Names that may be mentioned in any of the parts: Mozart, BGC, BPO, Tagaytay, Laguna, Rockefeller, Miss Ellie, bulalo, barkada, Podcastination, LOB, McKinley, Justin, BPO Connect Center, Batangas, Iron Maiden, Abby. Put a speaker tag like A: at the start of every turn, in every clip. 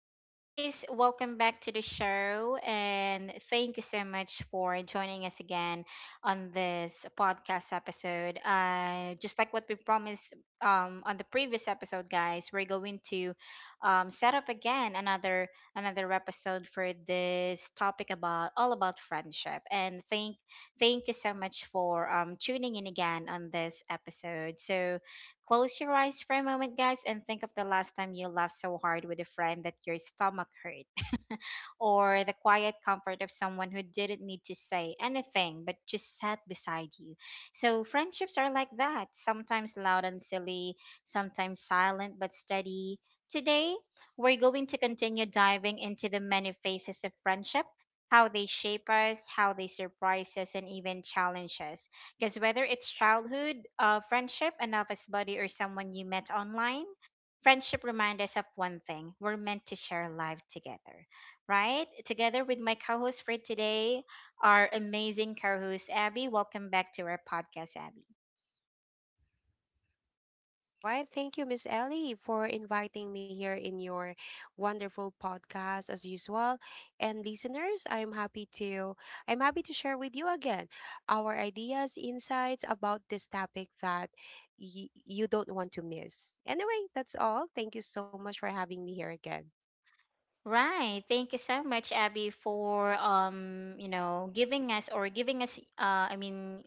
A: Hello, guys. Welcome back to the show. And thank you so much for joining us again on this podcast episode. Just like what we promised on the previous episode, guys, we're going to set up again another episode for this topic about all about friendship. And thank you so much for tuning in again on this episode. So, close your eyes for a moment, guys, and think of the last time you laughed so hard with a friend that your stomach hurt, or the quiet comfort of someone who didn't need to say anything but just sat beside you. So friendships are like that, sometimes loud and silly, sometimes silent but steady. Today, we're going to continue diving into the many faces of friendship, how they shape us, how they surprise us, and even challenge us. Because whether it's childhood, friendship, an office buddy, or someone you met online, friendship reminds us of one thing: we're meant to share life together, right? Together with my co host for today, our amazing co host, Abby. Welcome back to our podcast, Abby.
B: All right. Thank you, Miss Ellie, for inviting me here in your wonderful podcast as usual. And listeners, I'm happy to share with you again our ideas, insights about this topic that you don't want to miss. Anyway, that's all. Thank you so much for having me here again.
A: Right. Thank you so much, Abby, for you know, giving us I mean,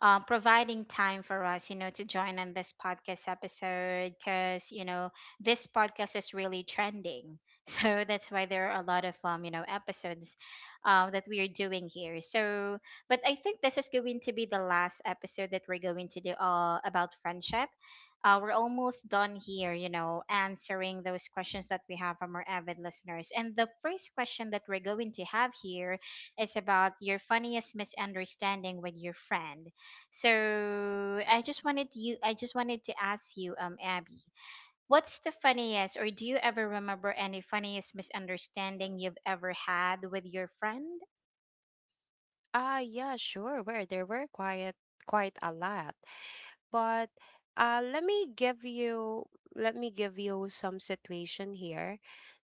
A: providing time for us, you know, to join on this podcast episode, because you know this podcast is really trending. So that's why there are a lot of you know, episodes, that we are doing here. So, but I think this is going to be the last episode that we're going to do about friendship. We're almost done here, you know, answering those questions that we have from our avid listeners. And the first question that we're going to have here is about your funniest misunderstanding with your friend. So I just wanted to ask you, Abby, what's the funniest, or do you ever remember any funniest misunderstanding you've ever had with your friend?
B: Ah, yeah, sure. Where there were quite a lot, but let me give you some situation here,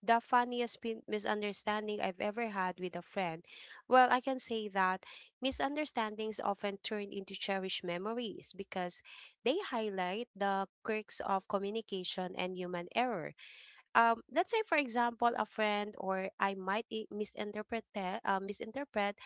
B: the funniest misunderstanding I've ever had with a friend. Well, I can say that misunderstandings often turn into cherished memories because they highlight the quirks of communication and human error. Let's say, for example, a friend or I might misinterpret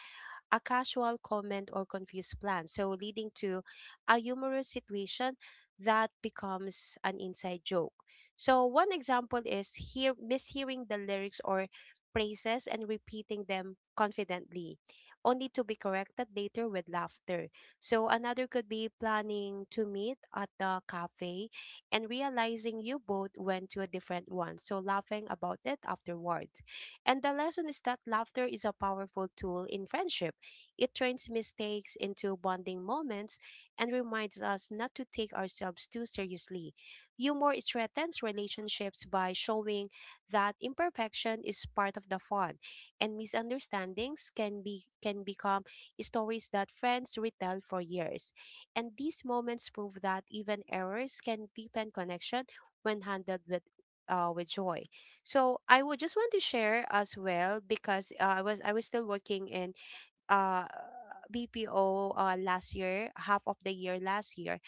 B: a casual comment or confused plan, so leading to a humorous situation that becomes an inside joke. So one example is hear mishearing the lyrics or phrases and repeating them confidently, only to be corrected later with laughter. So another could be planning to meet at the cafe and realizing you both went to a different one, so laughing about it afterwards. And the lesson is that laughter is a powerful tool in friendship. It turns mistakes into bonding moments and reminds us not to take ourselves too seriously. Humor strengthens relationships by showing that imperfection is part of the fun, and misunderstandings can become stories that friends retell for years. And these moments prove that even errors can deepen connection when handled with joy. So I would just want to share as well because I was still working in uh BPO last year, half of the year last year.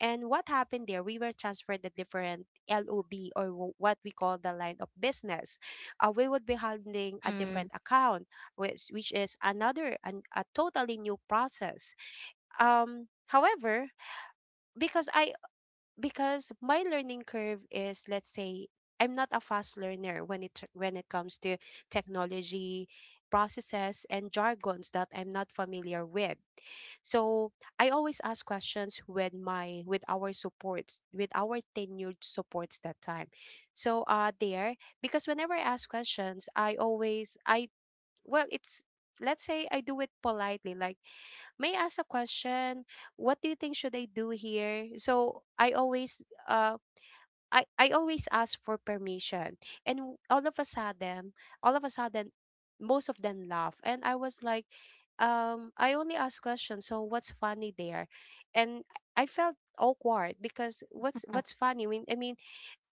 B: And what happened there? We were transferred the different LOB or what we call the line of business. We would be handling a
A: Mm.
B: different account, which is a totally new process. However, because I because my learning curve is, let's say, I'm not a fast learner when it comes to technology, processes and jargons that I'm not familiar with. So I always ask questions with our supports, with our tenured supports that time. So there because whenever I ask questions, I always I well, it's, let's say, I do it politely like, may I ask a question, what do you think, should I do here. So I always uh I always ask for permission. And all of a sudden, most of them laugh. And I was like, I only ask questions, so what's funny there? And I felt awkward because what's, what's funny? I mean, I mean,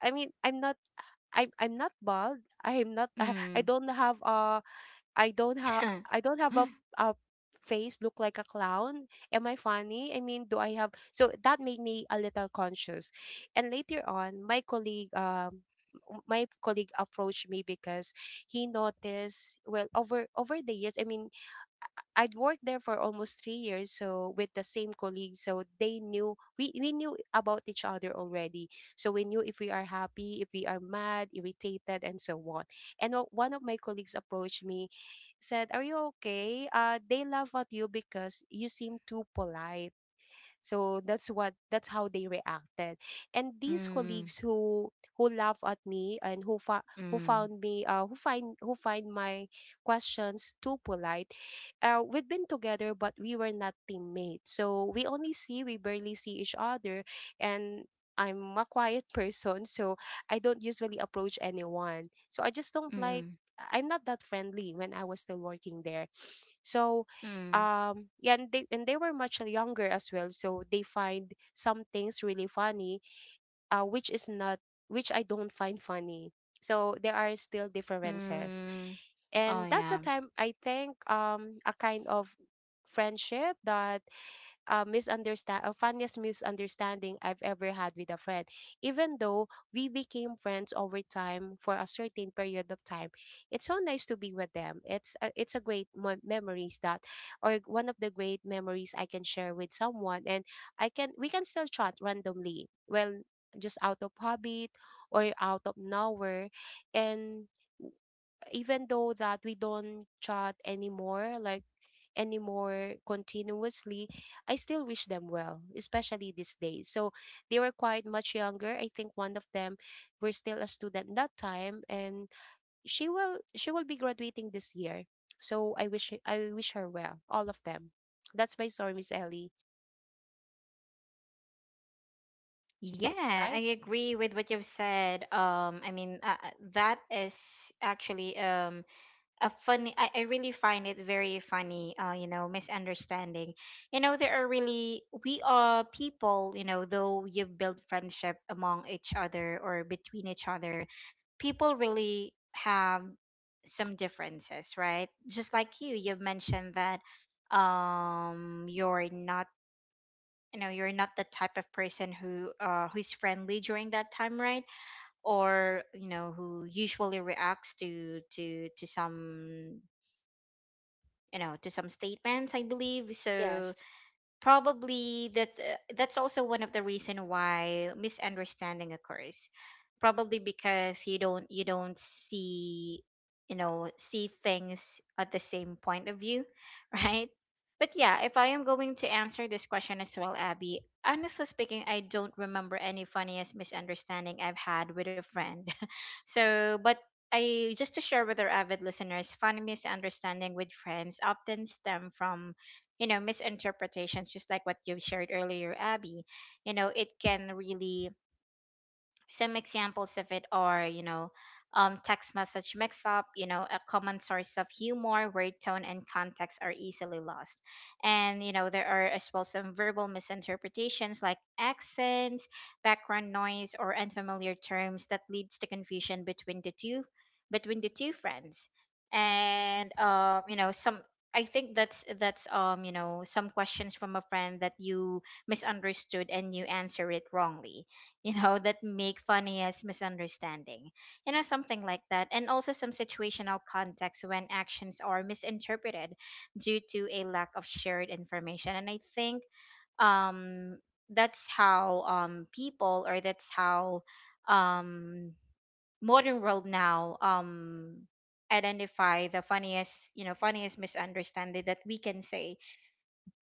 B: I mean I'm not, I'm not bald. I'm not I
A: Mm.
B: don't have a, I don't have, I don't have a a face look like a clown. Am I funny? I mean, do I have, so that made me a little conscious. And later on, my colleague approached me because he noticed, well, over the years, I mean, I'd worked there for almost 3 years, so with the same colleagues, so they knew we knew about each other already. So we knew if we are happy, if we are mad, irritated, and so on. And one of my colleagues approached me, said, "Are you okay? They laugh at you because you seem too polite." So that's what, that's how they reacted. And these
A: Mm.
B: colleagues who laugh at me and who who
A: Mm.
B: found me who find my questions too polite, we've been together but we were not teammates, so we only see, we barely see each other. And I'm a quiet person, so I don't usually approach anyone. So I just don't like,
A: Mm.
B: I'm not that friendly when I was still working there. So
A: Mm.
B: yeah, and they were much younger as well, so they find some things really funny, which is not which I don't find funny. So there are still differences,
A: Mm. Oh
B: and that's a
A: yeah.
B: time, I think, a kind of friendship that, misunderstand or funniest misunderstanding I've ever had with a friend. Even though we became friends over time for a certain period of time, it's so nice to be with them. It's a great memories that, or one of the great memories I can share with someone. And I can we can still chat randomly. Well, just out of habit or out of nowhere, and even though that we don't chat anymore, like anymore continuously, I still wish them well, especially these days. So they were quite much younger, I think one of them were still a student that time, and she will be graduating this year. So I wish her well, all of them. That's my story, Miss Ellie. All
A: Yeah,
B: right.
A: I agree with what you've said. I mean, that is actually a funny I really find it very funny, you know, misunderstanding. You know, there are really we are people, you know. Though you build friendship among each other or between each other, people really have some differences, right? Just like you, you've mentioned that you're not, you know, you're not the type of person who who's friendly during that time, right? Or you know, who usually reacts to some, you know, to some statements, I believe. So
B: Yes,
A: probably that's also one of the reason why misunderstanding occurs, probably because you don't see, you know, see things at the same point of view. Right? But yeah, if I am going to answer this question as well, Abby, honestly speaking, I don't remember any funniest misunderstanding I've had with a friend. So but I just to share with our avid listeners, funny misunderstanding with friends often stem from, you know, misinterpretations, just like what you shared earlier, Abby. You know, it can really, some examples of it are, you know, text message mix up, you know, a common source of humor where tone and context are easily lost. And, you know, there are as well some verbal misinterpretations like accents, background noise, or unfamiliar terms that leads to confusion between the two, between the two friends. And you know, some, I think that's that's, you know, some questions from a friend that you misunderstood and you answer it wrongly, you know, that make funniest misunderstanding, you know, something like that. And also some situational context when actions are misinterpreted due to a lack of shared information. And I think um that's how people, or that's how um modern world now identify the funniest, you know, funniest misunderstanding that we can say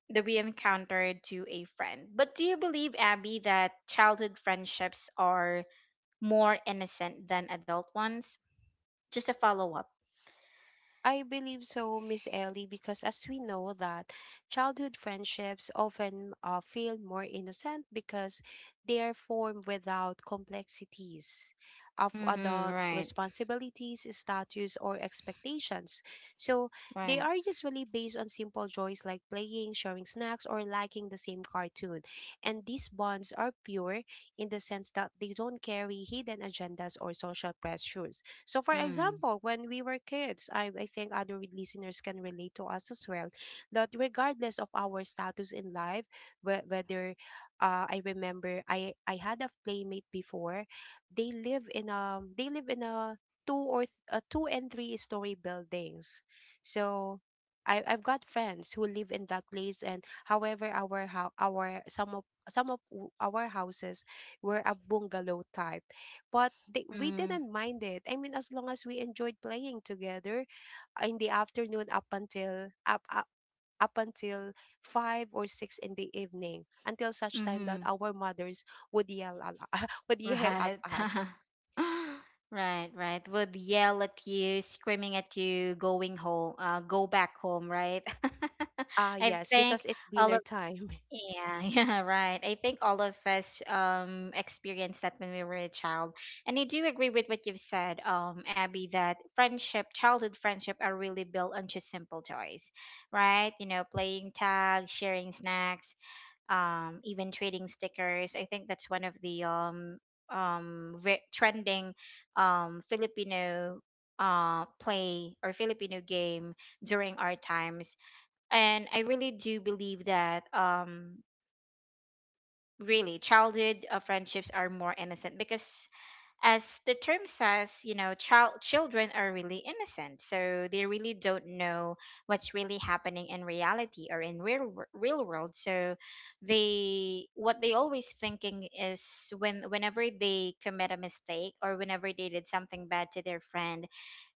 A: that we encountered to a friend. But do you believe, Abby, that childhood friendships are more innocent than adult ones? Just a follow up.
B: I believe so, Miss Ellie, because as we know that childhood friendships often feel more innocent because they are formed without complexities of
A: Mm-hmm.
B: adult
A: Right.
B: responsibilities, status, or expectations. So they
A: Right.
B: are usually based on simple joys like playing, sharing snacks, or liking the same cartoon. And these bonds are pure, in the sense that they don't carry hidden agendas or social pressures. So, for
A: Mm.
B: example, when we were kids, I think other listeners can relate to us as well, that regardless of our status in life, whether, I remember I had a playmate before, they live in a two or two and three story buildings. So, I've got friends who live in that place. And however our, how our, some of, our houses were a bungalow type, but they, we
A: Mm.
B: didn't mind it. I mean, as long as we enjoyed playing together in the afternoon up until five or six in the evening, until such time that
A: Mm-hmm.
B: our mothers would would yell at
A: Right.
B: us.
A: Right. Right. Would yell at you, screaming at you, going home. Go back home. Right.
B: Ah,
A: I
B: yes,
A: think
B: because it's
A: all
B: dinner
A: of
B: time.
A: Yeah, yeah, right. I think all of us experienced that when we were a child. And I do agree with what you've said, Abby, that friendship, childhood friendship are really built on just simple joys, right? You know, playing tag, sharing snacks, even trading stickers. I think that's one of the trending Filipino play, or Filipino game during our times. And I really do believe that really, childhood friendships are more innocent, because as the term says, you know, child, children are really innocent, so they really don't know what's really happening in reality or in real world. So they, what they always thinking is, when whenever they commit a mistake or whenever they did something bad to their friend,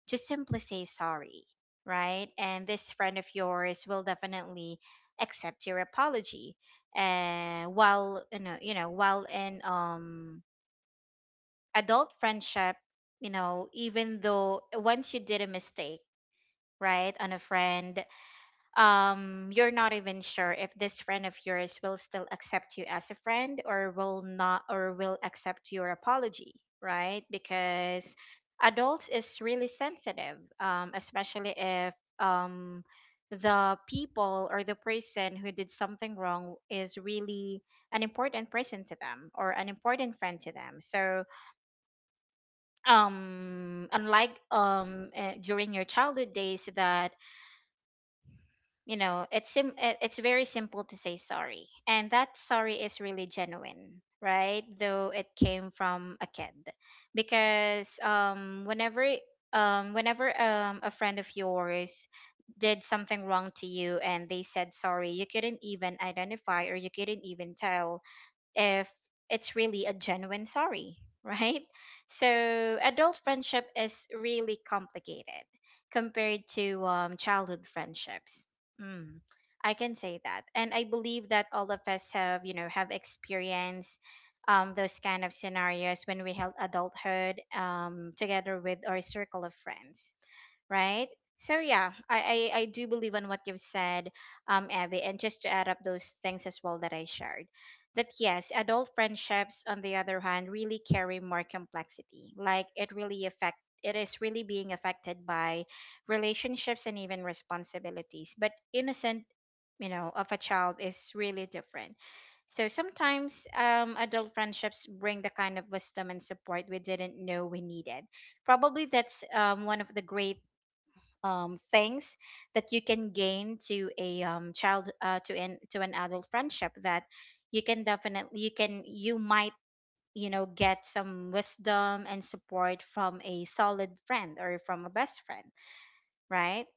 A: just simply say sorry, right? And this friend of yours will definitely accept your apology. And while you know, while in adult friendship, you know, even though once you did a mistake, right, on a friend, you're not even sure if this friend of yours will still accept you as a friend or will not, or will accept your apology, right? Because adults is really sensitive, especially if um the people or the person who did something wrong is really an important person to them, or an important friend to them. So unlike during your childhood days that, you know, it's very simple to say sorry, and that sorry is really genuine, right? Though it came from a kid, because whenever whenever a friend of yours did something wrong to you and they said sorry, you couldn't even identify, or you couldn't even tell if it's really a genuine sorry, right? So adult friendship is really complicated compared to childhood friendships. Mm, I can say that, and I believe that all of us have, you know, have experienced those kind of scenarios when we held adulthood together with our circle of friends, right? So yeah, I do believe on what you've said, Abby, and just to add up those things as well that I shared, that yes, adult friendships on the other hand really carry more complexity. Like it really affect, it is really being affected by relationships and even responsibilities. But innocent, you know, of a child is really different. So sometimes adult friendships bring the kind of wisdom and support we didn't know we needed. Probably that's one of the great things that you can gain to a child to an, to an adult friendship, that you can definitely, you can, you might, you know, get some wisdom and support from a solid friend or from a best friend, right?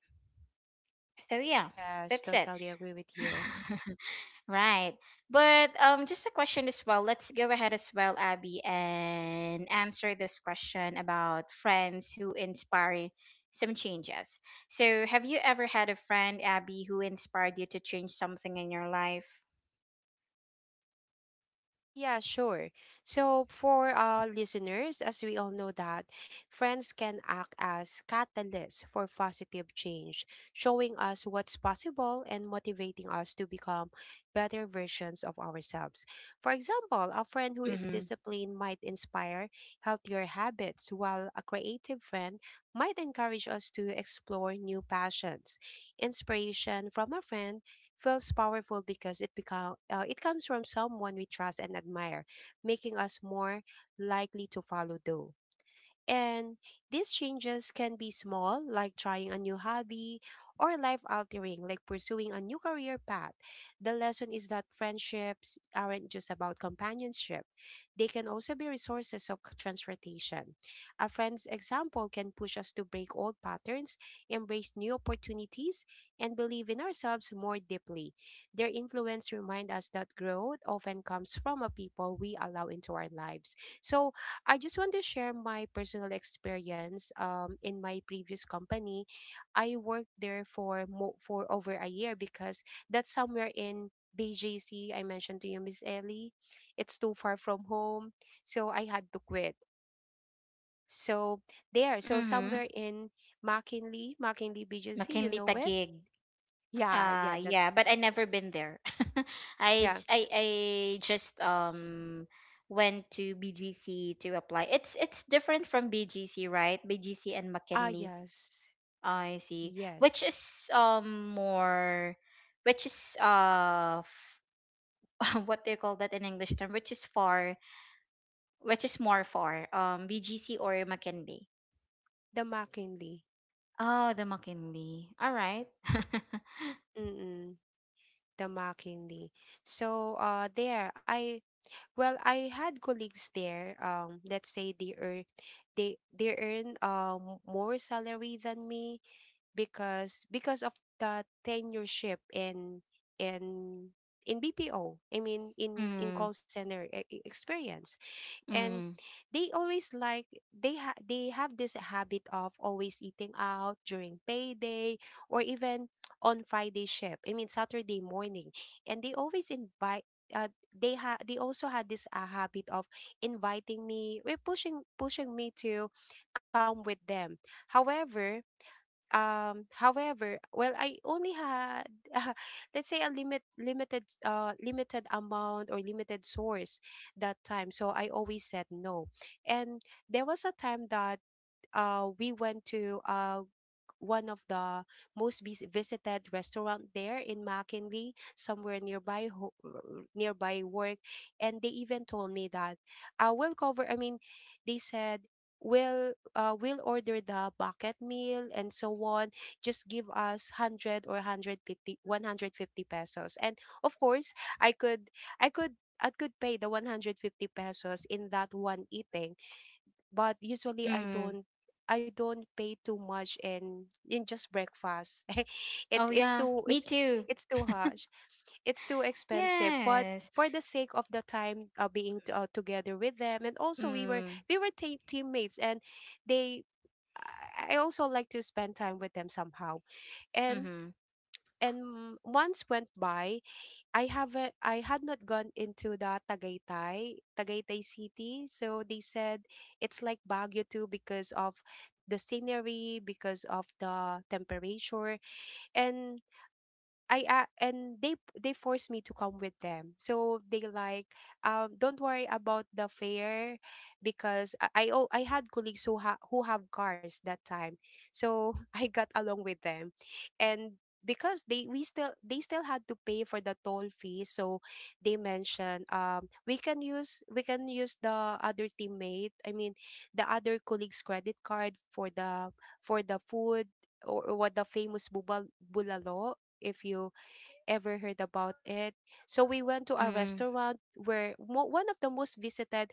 A: So yeah,
B: Yes,
A: that's it.
B: totally agree with you.
A: Right. But just a question as well. Let's go ahead as well, Abby, and answer this question about friends who inspire some changes. So have you ever had a friend, Abby, who inspired you to change something in your life?
B: Ah, yeah, sure. So, for listeners, as we all know that friends can act as catalysts for positive change, showing us what's possible and motivating us to become better versions of ourselves. For example, a friend who is
A: Mm-hmm.
B: disciplined might inspire healthier habits, while a creative friend might encourage us to explore new passions. Inspiration from a friend feels powerful because it comes from someone we trust and admire, making us more likely to follow through. And these changes can be small, like trying a new hobby, or life altering, like pursuing a new career path. The lesson is that friendships aren't just about companionship, they can also be resources of transportation. A friend's example can push us to break old patterns, embrace new opportunities, and believe in ourselves more deeply. Their influence reminds us that growth often comes from a people we allow into our lives. So, I just want to share my personal experience. In my previous company, I worked there for for over a year, because that's somewhere in BJC. I mentioned to you, Miss Ellie, it's too far from home, so I had to quit. So there, so
A: Mm-hmm.
B: somewhere in McKinley, McKinley BJC, you
A: McKinley
B: know it?
A: Taguig.
B: Yeah, yeah, that's
A: Yeah, but I never been there. I
B: yeah.
A: j- I just went to BGC to apply. It's different from BGC, right? BGC and
B: Ah,
A: McKinley.
B: yes,
A: I see. Which
B: yes,
A: is more, which is what do you call that in English term? Which is far, which is more far? BGC or McKinley?
B: the McKinley.
A: Oh, the McKinley. All right.
B: Mm-mm, the McKinley. So there I well, I had colleagues there. Let's say they earn, they earn more salary than me because of the tenureship in in BPO. I mean in
A: Mm,
B: call center experience. And
A: mm,
B: they always like, they have this habit of always eating out during payday or even on Friday shift, I mean Saturday morning, and they always invite. They also had this habit of inviting me, pushing me to come with them. However, well, I only had let's say a limited limited amount or limited source that time, so I always said no. And there was a time that we went to one of the most visited restaurant there in McKinley, somewhere nearby nearby work, and they even told me that we'll cover. I mean, they said we'll order the bucket meal and so on. Just give us 100 or 150, 150 pesos, and of course, I could, I could. I could pay the 150 pesos in that one eating, but usually I
A: mm.
B: don't, I don't pay too much in just breakfast. it
A: Oh
B: it's
A: yeah,
B: too
A: me
B: it's
A: too.
B: it's too harsh. It's too expensive, but
A: Yes.
B: for the sake of the time being together with them, and also we were
A: Mm,
B: we were teammates, and they I I also like to spend time with them somehow, and
A: mm-hmm,
B: and months went by. I had not gone into the Tagaytay City. So they said it's like Baguio too because of the scenery, because of the temperature. And and they forced me to come with them. So they like, don't worry about the fare, because I had colleagues who who have cars that time. So I got along with them. And because they still had to pay for the toll fee, so they mentioned, we can use the other teammate, I mean, the other colleague's credit card for the food, or what, the famous bubal bulalo, if you ever heard about it. So we went to a
A: mm,
B: restaurant where, one of the most visited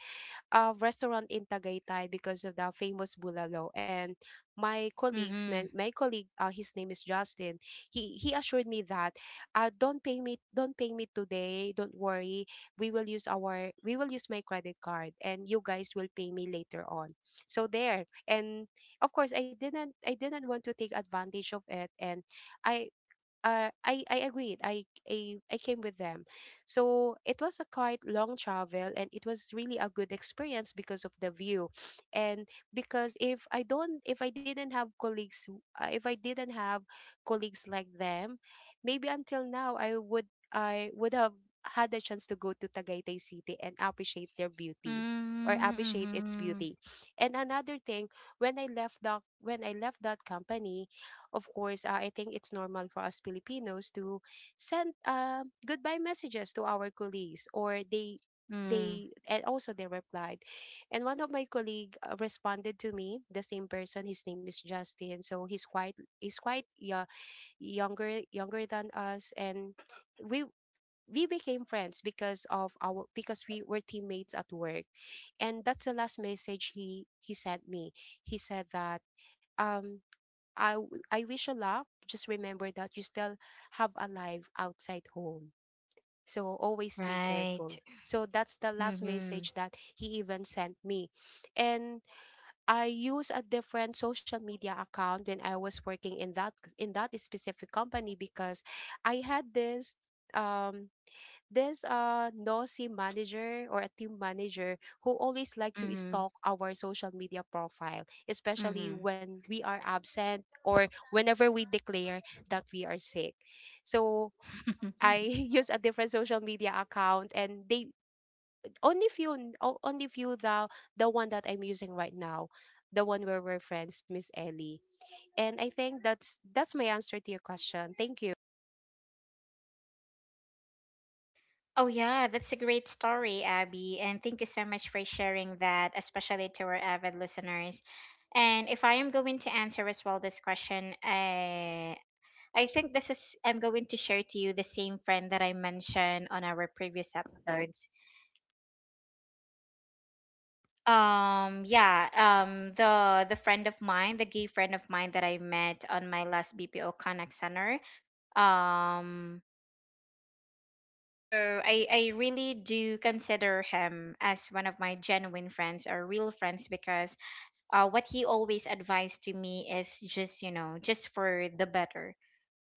B: restaurant in Tagaytay because of the famous bulalo. And my colleagues, my,
A: mm-hmm,
B: my colleague, his name is Justin. He assured me that, don't pay me today. Don't worry, we will use my credit card, and you guys will pay me later on. So there, and of course, I didn't want to take advantage of it, and I I agreed. I came with them, so it was a quite long travel, and it was really a good experience because of the view, and because if I didn't have colleagues like them, maybe until now I would have had the chance to go to Tagaytay City and
A: mm,
B: appreciate its
A: mm-hmm,
B: beauty. And another thing, when I left that company, of course, I think it's normal for us Filipinos to send goodbye messages to our colleagues, or
A: mm.
B: they and also they replied. And one of my colleague responded to me, the same person. His name is Justin, so he's quite yeah, younger than us, and we. We became friends because of our because we were teammates at work, and that's the last message he sent me. He said that, um, I wish you luck. Just remember that you still have a life outside home. So always be careful.
A: Right.
B: So that's the last
A: Mm-hmm,
B: message that he even sent me. And I use a different social media account when I was working in that specific company because I had um this nosy manager or a team manager who always like to
A: mm-hmm,
B: stalk our social media profile, especially
A: mm-hmm.
B: when we are absent or whenever we declare that we are sick. So I use a different social media account, and they only few the one that I'm using right now, the one where we're friends, Miss Ellie. And I think that's my answer to your question. Thank you.
A: Oh, yeah, that's a great story, Abby. And thank you so much for sharing that, especially to our avid listeners. And if I am going to answer as well this question, I think this is, I'm going to share to you the same friend that I mentioned on our previous episodes. Yeah, the friend of mine, the gay friend of mine that I met on my last BPO Connect Center. Um, So I really do consider him as one of my genuine friends or real friends, because what he always advised to me is just, you know, just for the better,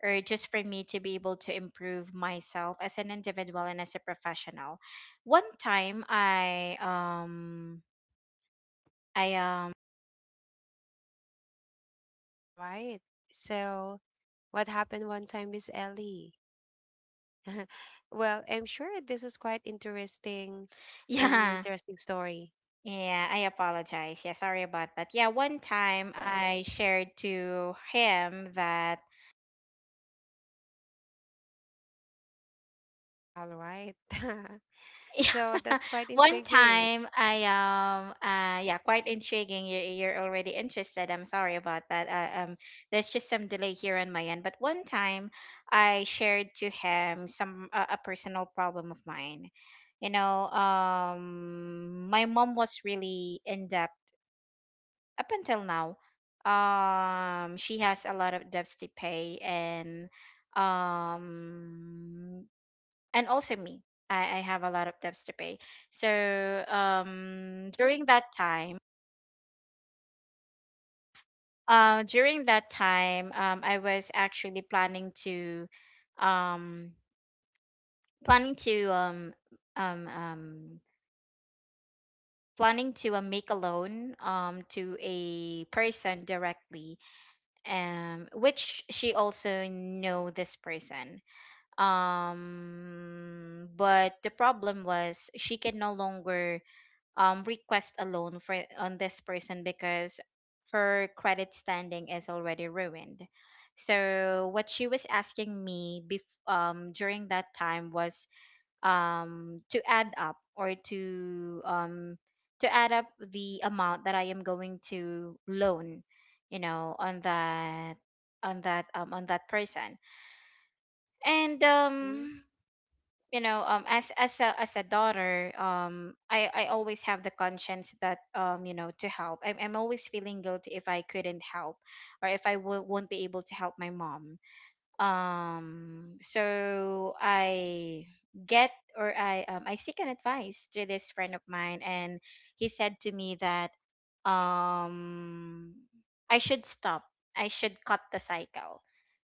A: or just for me to be able to improve myself as an individual and as a professional. One time I
B: All right. So what happened one time, Miss Ellie? Well, I'm sure this is quite interesting.
A: yeah,
B: Interesting story.
A: yeah, I apologize, yeah, sorry about that. Yeah, one time I shared to him that,
B: All right.
A: yeah.
B: So that's quite
A: One
B: intriguing.
A: time I yeah, quite intriguing. You're already interested. I'm sorry about that. There's just some delay here on my end. But one time I shared to him some a personal problem of mine. You know, my mom was really in debt up until now. She has a lot of debts to pay. And um and also me. I have a lot of debts to pay. So during that time, I was actually planning to, um, planning to, um, um, um, planning to make a loan, to a person directly, which she also know this person. But the problem was she can no longer request a loan for on this person because her credit standing is already ruined. So what she was asking me during that time was to add up or to add up the amount that I am going to loan, you know, on that on that on that person. And
B: Mm-mm.
A: you know, as a daughter, I always have the conscience that, you know, to help. I'm always feeling guilty if I couldn't help, or if won't be able to help my mom. So I get or I seek an advice to this friend of mine, and he said to me that um I should stop. I should cut the cycle.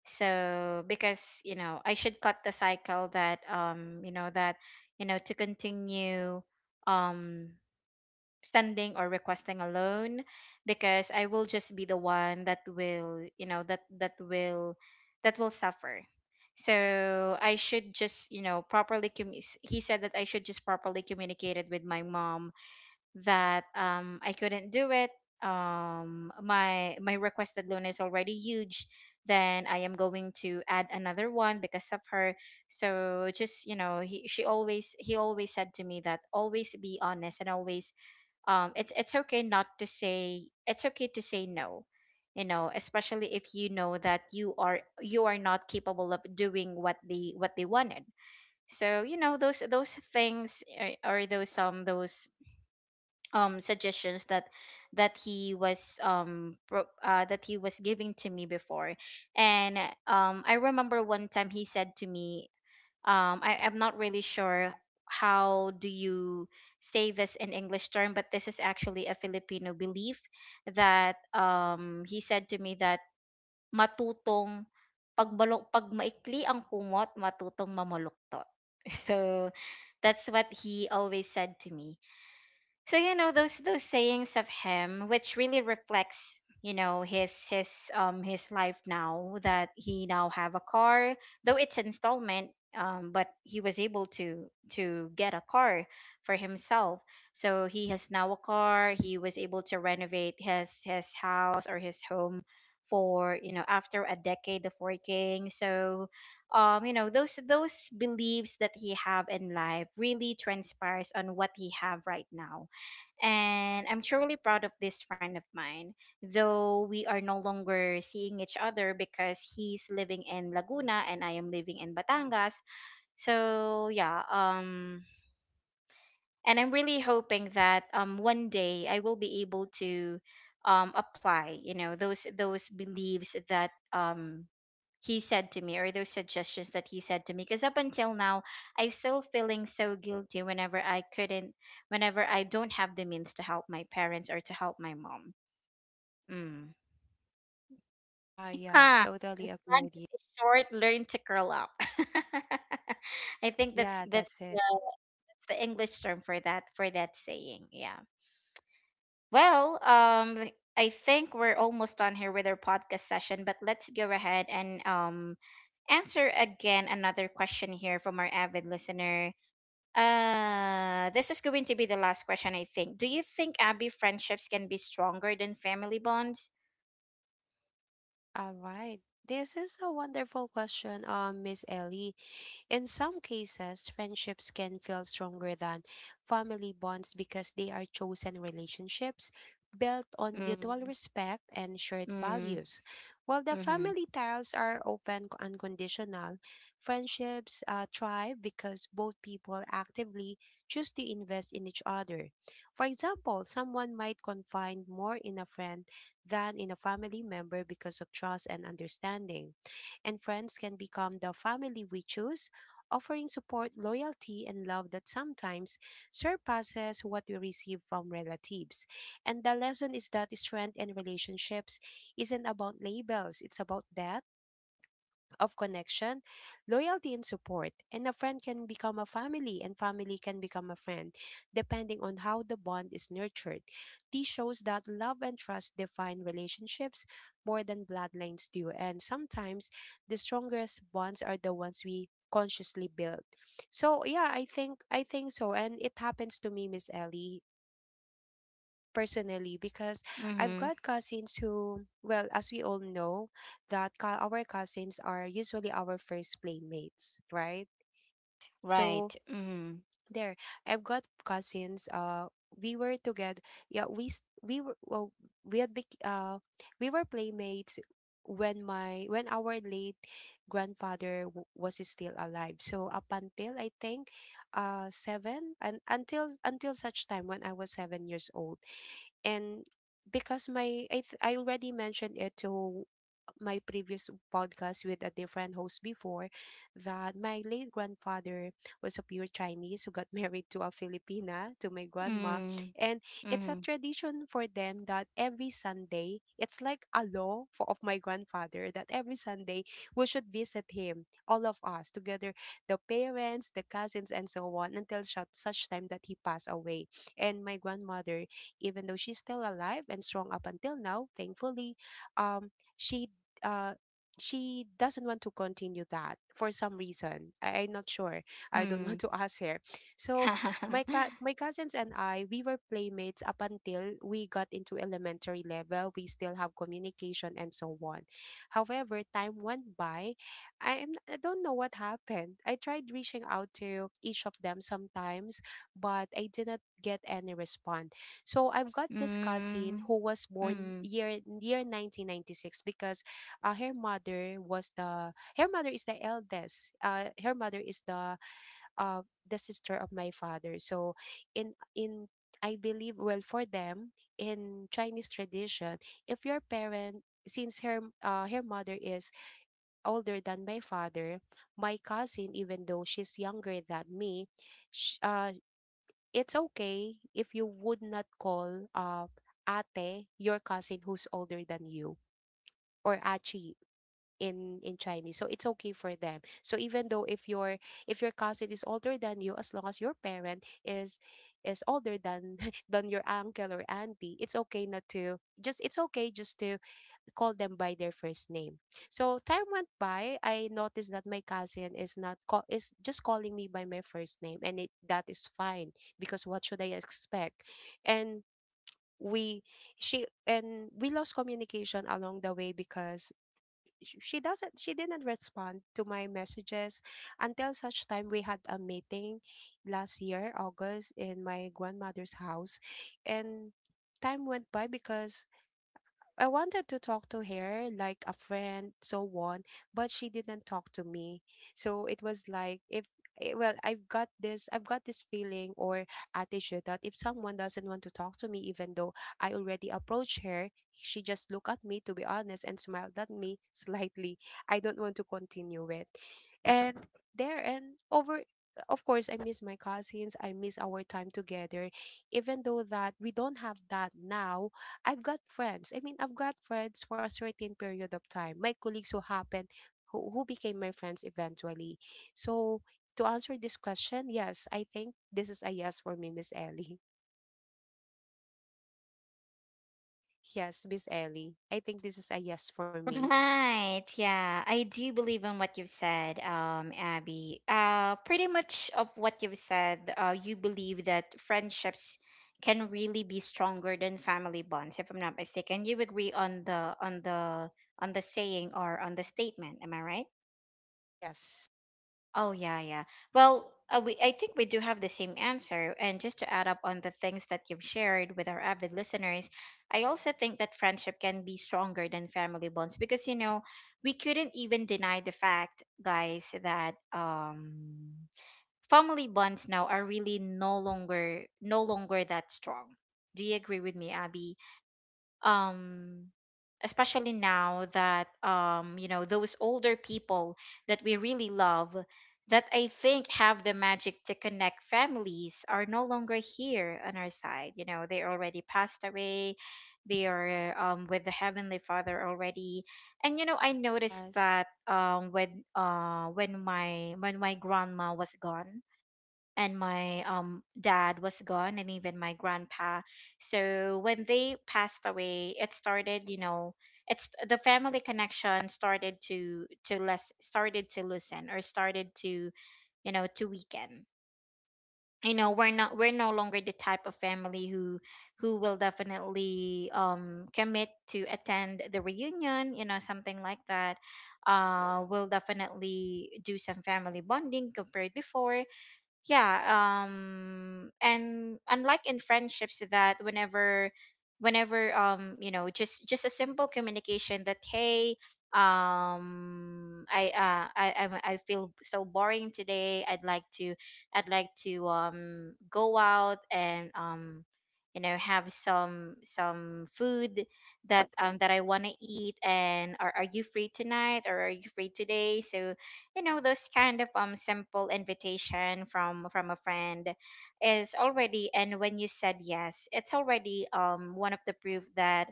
A: So because, you know, I should cut the cycle, that you know, that, you know, to continue um standing or requesting a loan, because I will just be the one that will, you know, that will, that will suffer. So I should just, you know, properly he said that I should just properly communicate it with my mom that, I couldn't do it. My my requested loan is already huge. Then I am going to add another one because of her. So just, you know, he always said to me that always be honest, and always, it's okay not to say, it's okay to say no. You know, especially if you know that you are not capable of doing what they wanted. So, you know, those things, or those suggestions that that he was that he was giving to me before. And I remember one time he said to me, I'm not really sure how do you say this in English term, but this is actually a Filipino belief that, he said to me that matutong pagbalok pag maikli ang kumot matutong mamaluktot. So that's what he always said to me. So, you know, those sayings of him, which really reflects, you know, his, his life now, that he now have a car, though it's installment. But he was able to get a car for himself. So he has now a car. He was able to renovate his house or his home for, you know, after a decade of working. So, you know, those beliefs that he have in life really transpires on what he have right now. And I'm truly proud of this friend of mine. Though we are no longer seeing each other, because he's living in Laguna and I am living in Batangas. So yeah, and I'm really hoping that one day I will be able to apply, you know, those beliefs that he said to me, or those suggestions that he said to me, because up until now I still feeling so guilty whenever I couldn't, whenever I don't have the means to help my parents or to help my mom. Mm.
B: Ah, yes,
A: Huh. If
B: totally
A: the
B: agree with
A: blanket
B: you.
A: is short, learn to curl up. I think
B: Yeah, that's it.
A: that's the English term for that, for that saying. Yeah. Well, I think we're almost done here with our podcast session, but let's go ahead and answer again another question here from our avid listener. This is going to be the last question, I think. Do you think, Abby, friendships can be stronger than family bonds?
B: All right. This is a wonderful question, Miss Ellie. In some cases, friendships can feel stronger than family bonds because they are chosen relationships built on mutual
A: Mm,
B: respect and shared
A: mm,
B: values. While the
A: mm-hmm,
B: family ties are often unconditional, friendships thrive because both people actively choose to invest in each other. For example, someone might confide more in a friend than in a family member because of trust and understanding. And friends can become the family we choose, offering support, loyalty, and love that sometimes surpasses what we receive from relatives. And the lesson is that strength in relationships isn't about labels, it's about depth of connection, loyalty, and support. And a friend can become a family, and family can become a friend, depending on how the bond is nurtured. This shows that love and trust define relationships more than bloodlines do. And sometimes the strongest bonds are the ones we consciously build. So yeah, I think so. And it happens to me, Miss Ellie, personally, because I've
A: mm-hmm,
B: got cousins who, well, as we all know, that our cousins are usually our first playmates, right?
A: right.
B: So
A: Mm,
B: there, I've got cousins. We were together. Yeah, we were, well, we had bec- uh we were playmates when our late grandfather was still alive. So up until I think 7, and until such time when I was 7 years old. And because I already mentioned it to my previous podcast with a different host before, that my late grandfather was a pure Chinese who got married to a Filipina, to my grandma.
A: mm,
B: And it's a
A: mm,
B: tradition for them that every Sunday, it's like a law of my grandfather, that every Sunday we should visit him, all of us together, the parents, the cousins, and so on, until such, time that he passed away. And my grandmother, even though she's still alive and strong up until now, thankfully, um, she uh, she doesn't want to continue that for some reason. I'm not sure. I don't want
A: mm.
B: to ask her. So my cousins and I, we were playmates up until we got into elementary level. We still have communication and so on. However, time went by. I don't know what happened. I tried reaching out to each of them sometimes, but I did not get any response. So I've got this cousin
A: Mm,
B: who was born
A: mm.
B: year 1996, because her mother is the eldest, her mother is uh the sister of my father. So in I believe, well, for them, in Chinese tradition, if your parent since her, her mother is older than my father. My cousin, even though she's younger than me, sh- uh it's okay if you would not call, ate, your cousin who's older than you, or achi in Chinese. So it's okay for them. So even though if your cousin is older than you, as long as your parent is older than than your uncle or auntie, it's okay not to just it's okay just to call them by their first name. So time went by, I noticed that my cousin is not call is just calling me by my first name, and it that is fine because what should I expect? And we she and we lost communication along the way because she didn't respond to my messages until such time we had a meeting last year August in my grandmother's house. And time went by because I wanted to talk to her like a friend, so on, but she didn't talk to me. So it was like, if eh, well, I've got this feeling or attitude that if someone doesn't want to talk to me, even though I already approached her, she just looked at me, to be honest, and smiled at me slightly. I don't want to continue with. And there, and over, of course, I miss my cousins, I miss our time together. Even though that we don't have that now, I've got friends. I mean, I've got friends for a certain period of time. My colleagues who who became my friends eventually. So, to answer this question, yes, I think this is a yes for me, Miss Ellie. Yes, Miss Ellie. I think this is a yes for me.
A: Right. Yeah. I do believe in what you've said, Abby. Pretty much of what you've said, you believe that friendships can really be stronger than family bonds, if I'm not mistaken. You agree on the on the on the saying, or on the statement, am I right?
B: Yes.
A: Oh yeah, yeah. Well, we I think we do have the same answer. And just to add up on the things that you've shared with our avid listeners, I also think that friendship can be stronger than family bonds, because, you know, we couldn't even deny the fact, guys, that family bonds now are really no longer that strong. Do you agree with me, Abby? um Especially now that, you know, those older people that we really love, that I think have the magic to connect families, are no longer here on our side. You know, they already passed away. They are, with the heavenly father already. And you know, I noticed
B: Yes.
A: that, when my, when my grandma was gone, and my, dad was gone, and even my grandpa. So when they passed away, it started, you know, it's the family connection started to less started to loosen, or started to, you know, to weaken. You know, we're not, we're no longer the type of family who will definitely commit to attend the reunion, you know, something like that, uh, will definitely do some family bonding compared before. Yeah. Um, and unlike in friendships, that whenever, you know, just a simple communication that, hey, I feel so boring today, I'd like to, I'd like to go out and you know, have some food that, that I want to eat, and are you free tonight, or are you free today. So, you know, those kind of simple invitation from a friend is already, and when you said yes, it's already, one of the proof that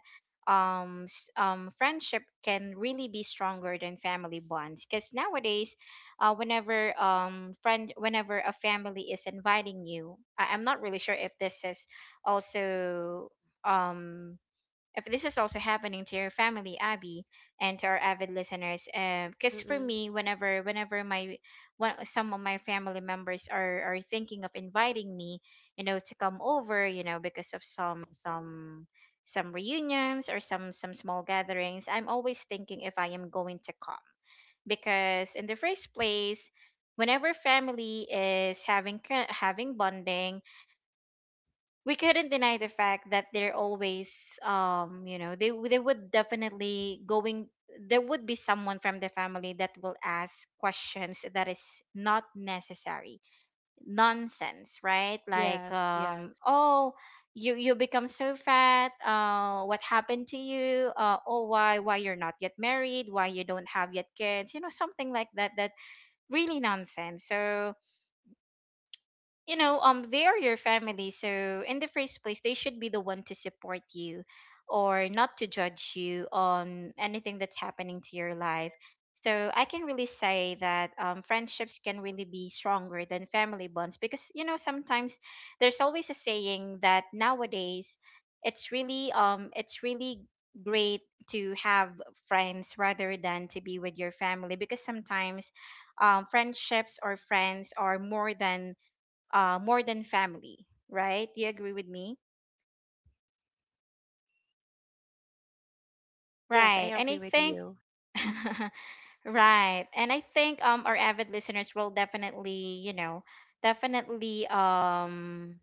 A: friendship can really be stronger than family bonds, because nowadays, whenever a family is inviting you, I'm not really sure if this is also um if this is also happening to your family, Abby, and to our avid listeners. Because for
B: Mm-mm.
A: me, whenever my one, some of my family members are thinking of inviting me, you know, to come over, you know, because of some reunions, or some small gatherings, I'm always thinking if I am going to come, because in the first place, whenever family is having having bonding, we couldn't deny the fact that they're always, you know, they would definitely going, there would be someone from the family that will ask questions that is not necessary, nonsense, right? Like,
B: Yes. Yes.
A: um, oh, you become so fat, uh, what happened to you, uh, oh, why you're not yet married, why you don't have yet kids, you know, something like that, that really nonsense. So, you know, um, they are your family, so in the first place they should be the one to support you or not to judge you on anything that's happening to your life. So I can really say that, friendships can really be stronger than family bonds, because, you know, sometimes there's always a saying that nowadays it's really, it's really great to have friends rather than to be with your family. Because sometimes, friendships or friends are more than, more than family, right? Do you agree with me?
B: Yes, I
A: Right. And I
B: agree with
A: think,
B: you.
A: right. And I think our avid listeners will definitely, you know, definitely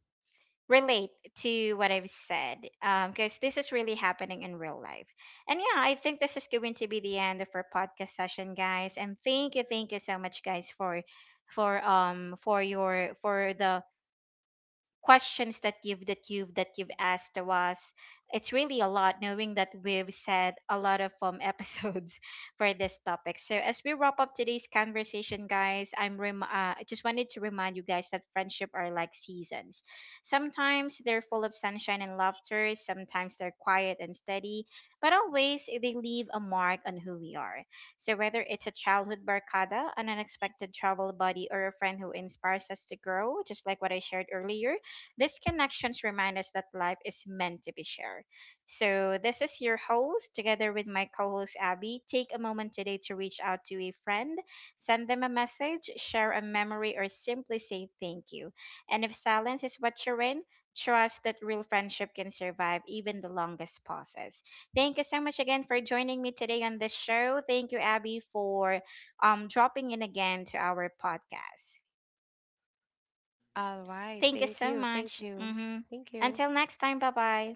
A: relate to what I've said, because this is really happening in real life. And yeah, I think this is going to be the end of our podcast session, guys. And thank you so much, guys, for for your, for the questions that you've that you've that you've asked of us. It's really a lot, knowing that we've said a lot of, um, episodes for this topic. So as we wrap up today's conversation, guys, I just wanted to remind you guys that friendship are like seasons. Sometimes they're full of sunshine and laughter, sometimes they're quiet and steady, but always they leave a mark on who we are. So whether it's a childhood barkada, an unexpected travel buddy, or a friend who inspires us to grow, just like what I shared earlier, these connections remind us that life is meant to be shared. So, this is your host, together with my co host Abby. Take a moment today to reach out to a friend, send them a message, share a memory, or simply say thank you. And if silence is what you're in, trust that real friendship can survive even the longest pauses. Thank you so much again for joining me today on this show. Thank you, Abby, for dropping in again to our podcast.
B: All right.
A: Thank you
B: Thank
A: so
B: you.
A: much.
B: Thank you.
A: Hmm.
B: Thank you.
A: Until next time, bye bye.